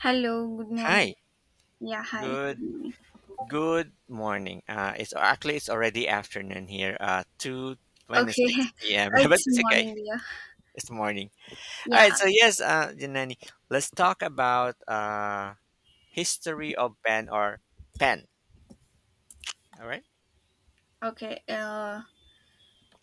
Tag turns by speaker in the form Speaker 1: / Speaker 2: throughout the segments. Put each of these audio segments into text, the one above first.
Speaker 1: Hello, good morning.
Speaker 2: Hi.
Speaker 1: Yeah, hi, good
Speaker 2: Good
Speaker 1: morning.
Speaker 2: good morning. It's actually, it's already afternoon here. Two twenty
Speaker 1: Okay,
Speaker 2: six p.m. but
Speaker 1: it's
Speaker 2: it's okay.
Speaker 1: morning here.
Speaker 2: It's morning. All right.
Speaker 1: Yeah,
Speaker 2: So yes, Janani, let's talk about history of pen or pen. All right.
Speaker 1: okay.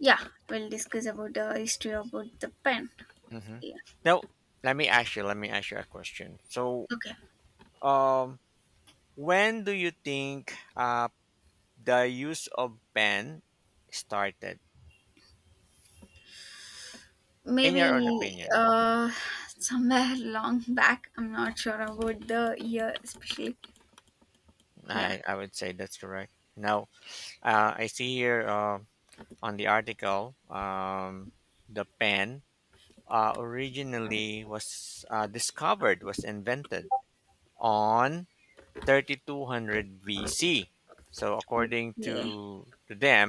Speaker 1: Yeah, we'll discuss about the history about the pen.
Speaker 2: Mm-hmm.
Speaker 1: Yeah,
Speaker 2: Now, Let me ask you a question. So
Speaker 1: okay.
Speaker 2: um, when do you think the use of pen started? In
Speaker 1: Maybe
Speaker 2: your own opinion,
Speaker 1: uh, somewhere long back. I'm not sure about the year, especially. Yeah.
Speaker 2: I would say that's correct. Now, I see here, on the article, the pen, originally was invented on 3200 BC. So, according to,
Speaker 1: Yeah.
Speaker 2: to them,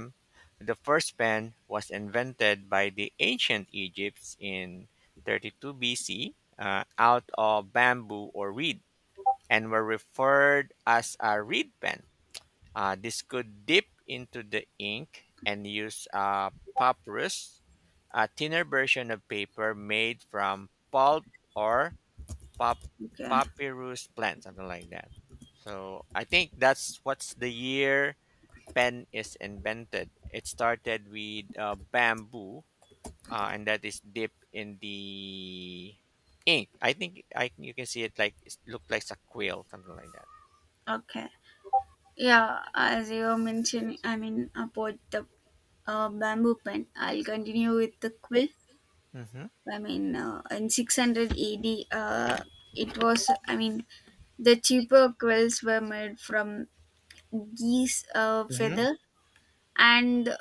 Speaker 2: the first pen was invented by the ancient Egypts in 32 BC, out of bamboo or reed and were referred as a reed pen. This could dip into the ink and use, papyrus, a thinner version of paper made from pulp or pap-
Speaker 1: Okay.
Speaker 2: papyrus plant, something like that. So I think that's what's the year pen is invented. It started with bamboo, and that is dipped in the ink. I think, I you can see it, like it looked like a quill, something like that.
Speaker 1: Okay. Yeah, as you mentioned, I mean about the bamboo pen. I'll continue with the quill.
Speaker 2: Hmm.
Speaker 1: In 600 AD, uh, it was, I mean, the cheaper quills were made from geese
Speaker 2: Hmm.
Speaker 1: feather and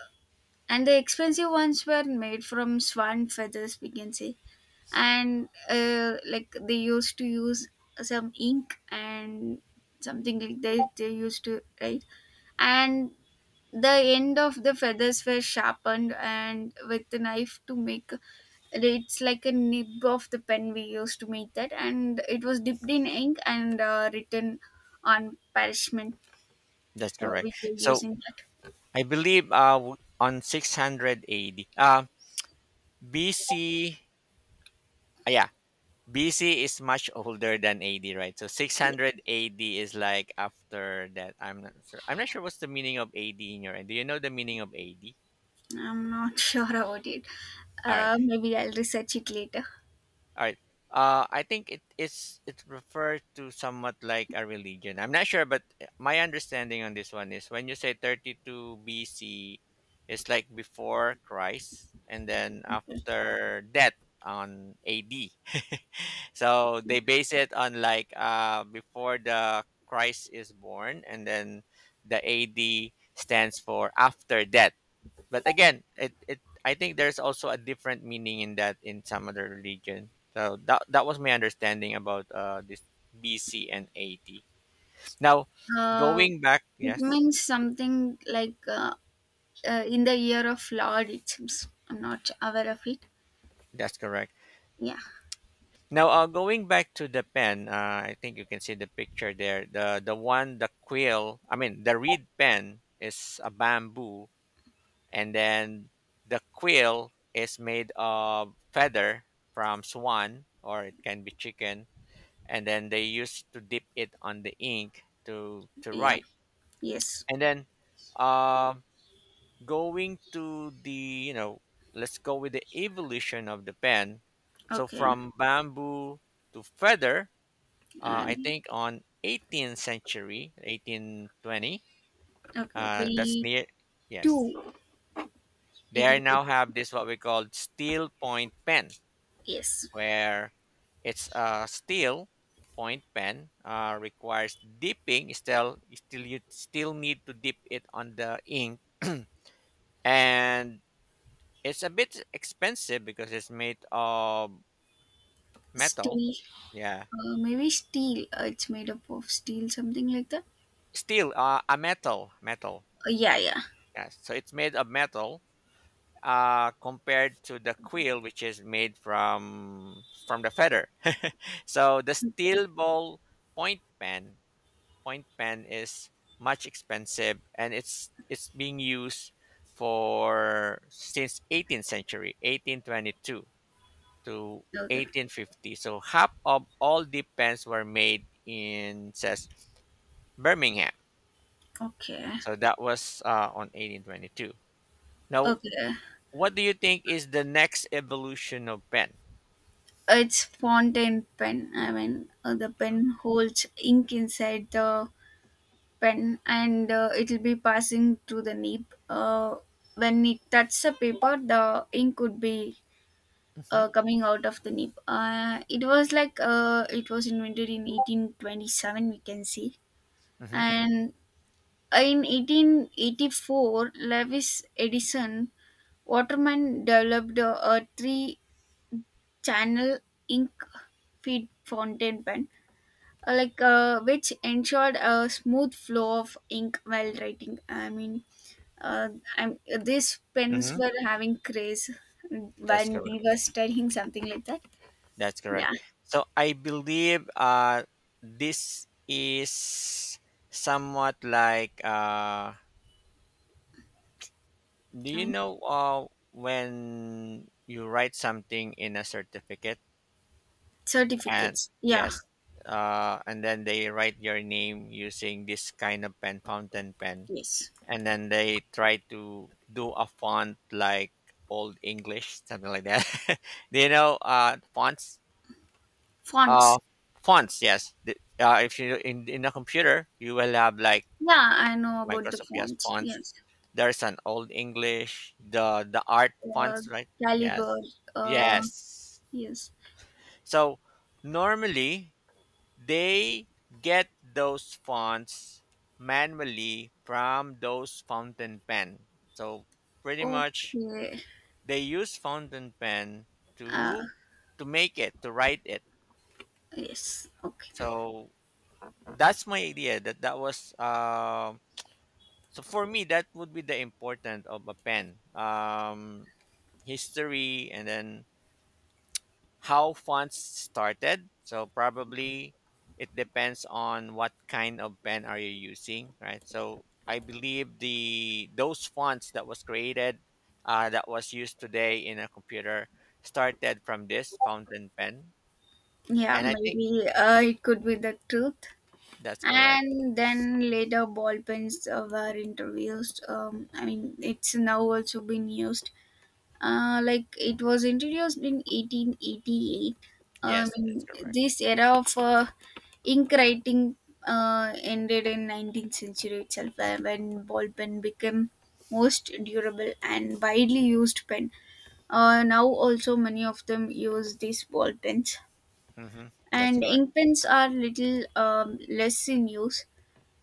Speaker 1: and the expensive ones were made from swan feathers, we can say. And like they used to use some ink and something like that they used to write. And the end of the feathers were sharpened and with the knife to make it's like a nib of the pen we used to make that and it was dipped in ink and written on parchment
Speaker 2: That's correct.
Speaker 1: we were
Speaker 2: So
Speaker 1: using
Speaker 2: I believe on 600 AD. BC, yeah, BC is much older than AD, right? So
Speaker 1: that.
Speaker 2: 600 AD is like after that. I'm not sure what's the meaning of AD in your end. Do you know the meaning of AD?
Speaker 1: I'm not sure about it.
Speaker 2: All right.
Speaker 1: Maybe I'll research it later.
Speaker 2: All right. I think it refers to somewhat like a religion. I'm not sure, but my understanding on this one is when you say 32 BC, it's like before Christ, and then after that on AD. So they base it on like, before the Christ is born, and then the AD stands for after that. But again, it I think there's also a different meaning in that, in some other religion. So that was my understanding about this BC and AD. Now,
Speaker 1: uh,
Speaker 2: going back,
Speaker 1: it
Speaker 2: yes,
Speaker 1: means something like in the year of lord, it seems. I'm not aware of it.
Speaker 2: that's correct.
Speaker 1: Yeah,
Speaker 2: Now, going back to the pen, I think you can see the picture there. The one, the quill. I mean, the reed pen is a bamboo, and then the quill is made of feather from swan, or it can be chicken, and then they used to dip it on the ink to
Speaker 1: yeah,
Speaker 2: write,
Speaker 1: yes.
Speaker 2: and then um going to the you know let's go with the evolution of the pen. So
Speaker 1: Okay.
Speaker 2: from bamboo to feather, I
Speaker 1: And
Speaker 2: think on 18th century 1820,
Speaker 1: okay,
Speaker 2: that's
Speaker 1: 22.
Speaker 2: near, yes, they
Speaker 1: It
Speaker 2: are
Speaker 1: didn't.
Speaker 2: now have this what we call steel point pen,
Speaker 1: Yes,
Speaker 2: where it's a steel point pen, requires dipping. Still, you still need to dip it on the ink, and it's a bit expensive because it's made of metal.
Speaker 1: still.
Speaker 2: Yeah,
Speaker 1: Maybe steel. It's made up of steel, something like that.
Speaker 2: steel, a metal, metal.
Speaker 1: Yeah, yeah.
Speaker 2: Yes, so it's made of metal. Compared to the quill, which is made from the feather, so the steel ball point pen point pen is much expensive and it's being used for since 18th century 1822 to
Speaker 1: Okay.
Speaker 2: 1850, so half of all the pens were made in, says, Birmingham.
Speaker 1: Okay.
Speaker 2: So that was, on 1822. Now,
Speaker 1: Okay.
Speaker 2: what do you think is the next evolution of pen?
Speaker 1: It's fountain pen. The pen holds ink inside the pen and it will be passing through the nib. When it touches the paper, the ink would be
Speaker 2: Hmm.
Speaker 1: coming out of the nib. It was invented in 1827, we can see.
Speaker 2: Hmm.
Speaker 1: And in 1884, Lewis Edison Waterman developed a three-channel ink feed fountain pen, which ensured a smooth flow of ink while writing. Uh, these pens
Speaker 2: Hmm.
Speaker 1: were having craze
Speaker 2: That's
Speaker 1: when
Speaker 2: correct.
Speaker 1: we were studying, something like that.
Speaker 2: That's
Speaker 1: Yeah,
Speaker 2: correct. So I believe, this is somewhat like, do
Speaker 1: I
Speaker 2: you
Speaker 1: mean
Speaker 2: know, when you write something in a certificate, and
Speaker 1: certificates. Yeah,
Speaker 2: yes, and then they write your name using this kind of pen, fountain pen,
Speaker 1: yes,
Speaker 2: and then they try to do a font like Old English, something like that. Do you know fonts? Uh,
Speaker 1: fonts.
Speaker 2: Fonts, yes. If you, in a computer, you will have like
Speaker 1: Yeah, I know about the
Speaker 2: Microsoft, yes,
Speaker 1: fonts.
Speaker 2: fonts.
Speaker 1: Yes.
Speaker 2: There's an old English, the art
Speaker 1: uh,
Speaker 2: fonts, right?
Speaker 1: Caliber.
Speaker 2: Yes,
Speaker 1: Uh,
Speaker 2: yes.
Speaker 1: yes.
Speaker 2: So normally they get those fonts manually from those fountain pen. So pretty much
Speaker 1: Okay.
Speaker 2: they use fountain pen
Speaker 1: Uh,
Speaker 2: to to make it, to write it.
Speaker 1: yes. Okay.
Speaker 2: So that's my idea, that that was so for me that would be the importance of a pen, history, and then how fonts started, so probably it depends on what kind of pen are you using, right? So I believe the those fonts that was created, that was used today in a computer, started from this fountain pen.
Speaker 1: Yeah,
Speaker 2: And I think
Speaker 1: maybe it could be the truth.
Speaker 2: that's correct.
Speaker 1: And then later, ball pens were introduced. I mean, it's now also been used. Like it was introduced in 1888. I
Speaker 2: Yes,
Speaker 1: mean,
Speaker 2: that's correct.
Speaker 1: this era of ink writing ended in 19th century itself, when ball pen became most durable and widely used pen. Now also many of them use these ball pens,
Speaker 2: Hmm, that's
Speaker 1: and
Speaker 2: correct.
Speaker 1: ink pens are little less in use.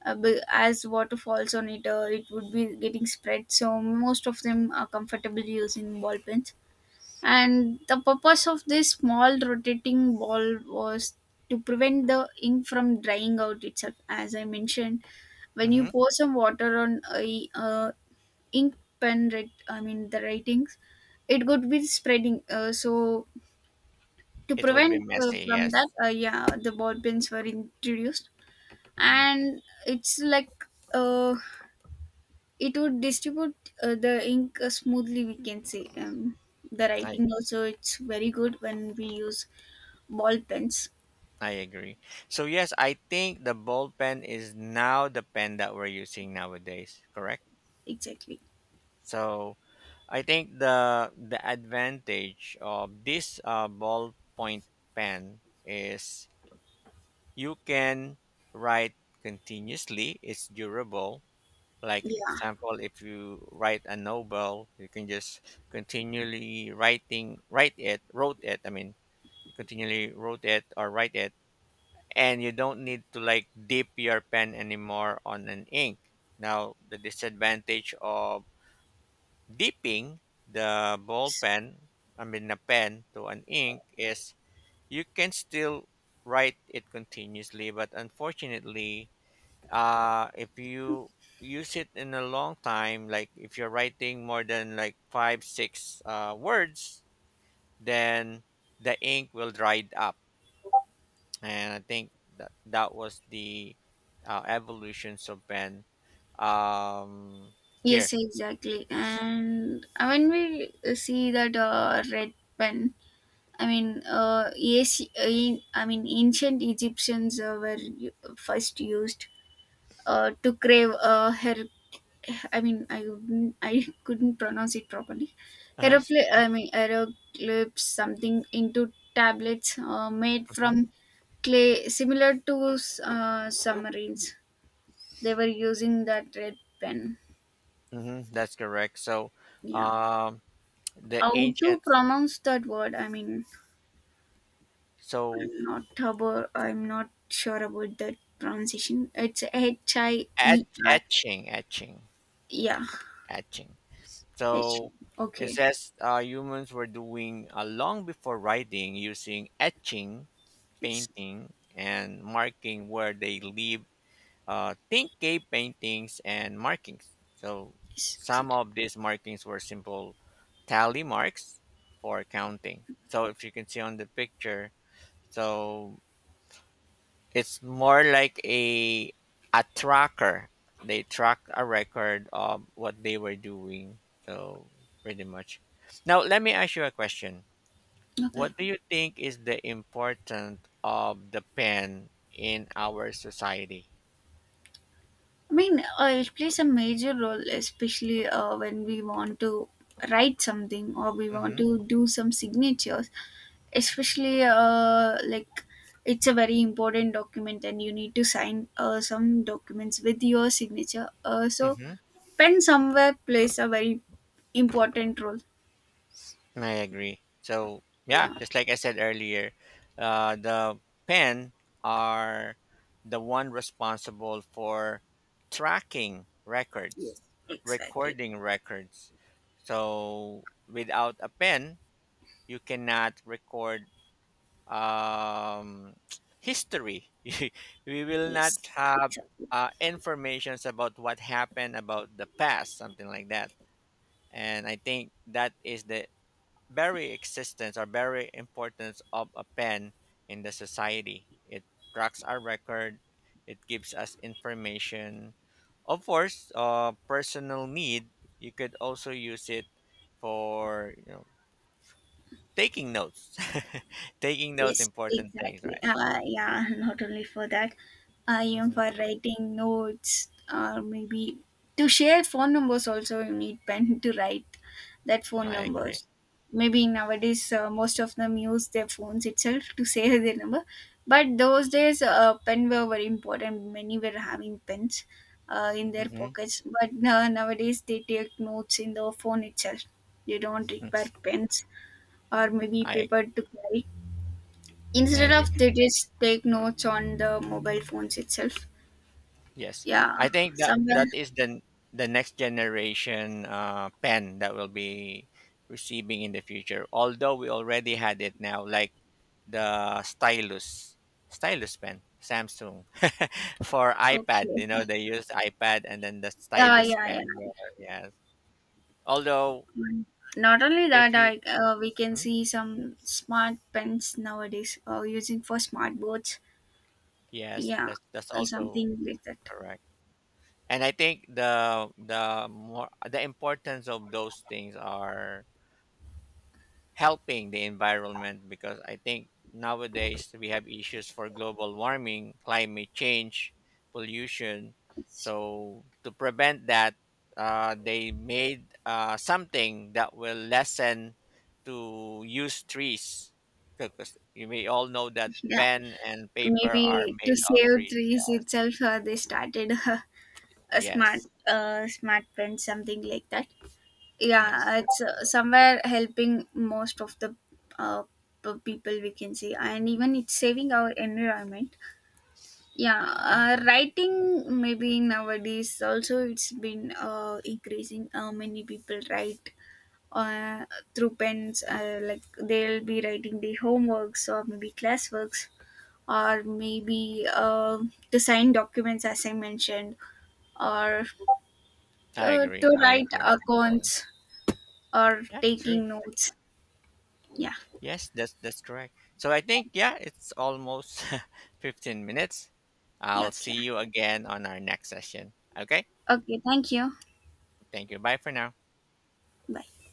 Speaker 1: As water falls on it, it would be getting spread. So most of them are comfortable using ball pens, and the purpose of this small rotating ball was to prevent the ink from drying out itself. As I mentioned, when you
Speaker 2: Hmm.
Speaker 1: pour some water on a ink I mean the writings, it could be spreading, so to
Speaker 2: It would be
Speaker 1: prevent
Speaker 2: messy,
Speaker 1: from that,
Speaker 2: yes.
Speaker 1: yeah, the ball pens were introduced.
Speaker 2: Hmm.
Speaker 1: And it's like uh, it would distribute the ink smoothly, we can say. The
Speaker 2: I
Speaker 1: writing also it's very good when we use ball pens.
Speaker 2: I agree. So yes, I think the bold pen is now the pen that we're using nowadays, correct?
Speaker 1: Exactly.
Speaker 2: So I think the advantage of this, ballpoint pen is you can write continuously. It's durable. Like
Speaker 1: Yeah.
Speaker 2: example, if you write a novel, you can just continually writing write it, wrote it. I mean, continually wrote it or write it, and you don't need to, like, dip your pen anymore on an ink. Now, the disadvantage of dipping the ball
Speaker 1: S-
Speaker 2: pen, I mean, a pen to an ink, is you can still write it continuously, but unfortunately, if you use it in a long time, like if you're writing more than like five, six words, then the ink will dry up, and I think that that was the, evolutions of Ben. Um, Here,
Speaker 1: yes, exactly.
Speaker 2: yes,
Speaker 1: And when we see that red pen, I mean, yes, in, I mean, ancient egyptians first used to crave her, I mean, I wouldn't, I couldn't pronounce it properly. Hieroglyph,
Speaker 2: uh-huh.
Speaker 1: I mean, hieroglyphs, something into tablets made
Speaker 2: Hmm.
Speaker 1: from clay, similar to submarines. They were using that red pen.
Speaker 2: Hmm. That's correct. So,
Speaker 1: Yeah.
Speaker 2: um, the
Speaker 1: How to
Speaker 2: ancients,
Speaker 1: pronounce that word? I mean,
Speaker 2: so
Speaker 1: I'm not sure about that pronunciation. It's H I E
Speaker 2: et-
Speaker 1: R.
Speaker 2: etching, etching,
Speaker 1: Yeah.
Speaker 2: etching.
Speaker 1: H.
Speaker 2: So it
Speaker 1: Okay.
Speaker 2: says, humans were doing, long before writing, using etching,
Speaker 1: Yes.
Speaker 2: painting, and marking where they lived. Think cave paintings and markings. So
Speaker 1: Yes.
Speaker 2: some
Speaker 1: Exactly.
Speaker 2: of these markings were simple tally marks for counting. So if you can see on the picture, so it's more like a tracker. They track a record of what they were doing. So pretty much. Now let me ask you a question.
Speaker 1: Okay.
Speaker 2: What do you think is the importance of the pen in our society?
Speaker 1: I mean, it plays a major role, especially when we want to write something or we want
Speaker 2: Mm-hmm.
Speaker 1: to do some signatures. Especially, like it's a very important document, and you need to sign some documents with your signature. So, pen somewhere plays a very important role.
Speaker 2: I agree. So yeah,
Speaker 1: Yeah.
Speaker 2: just like I said earlier, the pen are the one responsible for tracking records, recording records. So without a pen, you cannot record, um, history. We will not have informations about what happened about the past, something like that. And I think that is the very existence or very importance of a pen in the society. It tracks our record. It gives us information. Of course, personal need. You could also use it for taking notes, taking notes,
Speaker 1: Yes,
Speaker 2: important things, right?
Speaker 1: exactly. Yeah, not only for that, I am
Speaker 2: Hmm.
Speaker 1: for writing notes or maybe to share phone numbers, also you need pen to write that phone
Speaker 2: I agree.
Speaker 1: numbers. Maybe nowadays most of them use their phones itself to save their number, but those days pen were very important. Many were having pens in their
Speaker 2: Hmm.
Speaker 1: pockets, but nowadays they take notes in the phone itself. They don't require pens or maybe
Speaker 2: I
Speaker 1: paper to carry.
Speaker 2: I
Speaker 1: Instead
Speaker 2: agree.
Speaker 1: of, they just take notes on the mobile phones itself.
Speaker 2: Yes,
Speaker 1: Yeah,
Speaker 2: I think that
Speaker 1: somewhere.
Speaker 2: that is the next generation, pen that will be receiving in the future. Although we already had it now, like the stylus pen, Samsung for iPad.
Speaker 1: Okay.
Speaker 2: You know, they use iPad and then the
Speaker 1: Yeah,
Speaker 2: stylus
Speaker 1: yeah,
Speaker 2: pen.
Speaker 1: yeah.
Speaker 2: Where, yes. Although,
Speaker 1: Not only that,
Speaker 2: if you.
Speaker 1: we can
Speaker 2: Mhm.
Speaker 1: see some smart pens nowadays using for smart boards.
Speaker 2: Yes,
Speaker 1: Yeah,
Speaker 2: that's that's also
Speaker 1: something like that.
Speaker 2: correct. And I think the more the importance of those things are helping the environment, because I think nowadays we have issues for global warming, climate change, pollution.
Speaker 1: It's-
Speaker 2: So to prevent that, they made something that will lessen to use trees, because you may all know that
Speaker 1: Yeah,
Speaker 2: pen and paper are
Speaker 1: maybe to
Speaker 2: made of
Speaker 1: save
Speaker 2: trees.
Speaker 1: trees itself, they started a
Speaker 2: Yes,
Speaker 1: smart pen, something like that.
Speaker 2: yes,
Speaker 1: Yeah, it's
Speaker 2: that's correct.
Speaker 1: somewhere helping most of the uh, people, we can say, and even it's saving our environment. Yeah,
Speaker 2: Mhm.
Speaker 1: writing maybe nowadays also it's been increasing. Many people write uh, through pens, like they'll be writing their homeworks or maybe classworks, or maybe to sign documents as I mentioned, or
Speaker 2: I
Speaker 1: to
Speaker 2: agree. I
Speaker 1: write
Speaker 2: agree on that one.
Speaker 1: accounts or
Speaker 2: Yeah, true.
Speaker 1: taking notes. Yeah.
Speaker 2: Yes, that's correct. So I think, yeah, it's almost 15 minutes.
Speaker 1: Yeah,
Speaker 2: I'll
Speaker 1: okay.
Speaker 2: see you again on our next session. Okay?
Speaker 1: Okay, thank you.
Speaker 2: Thank you. Bye for now.
Speaker 1: Bye.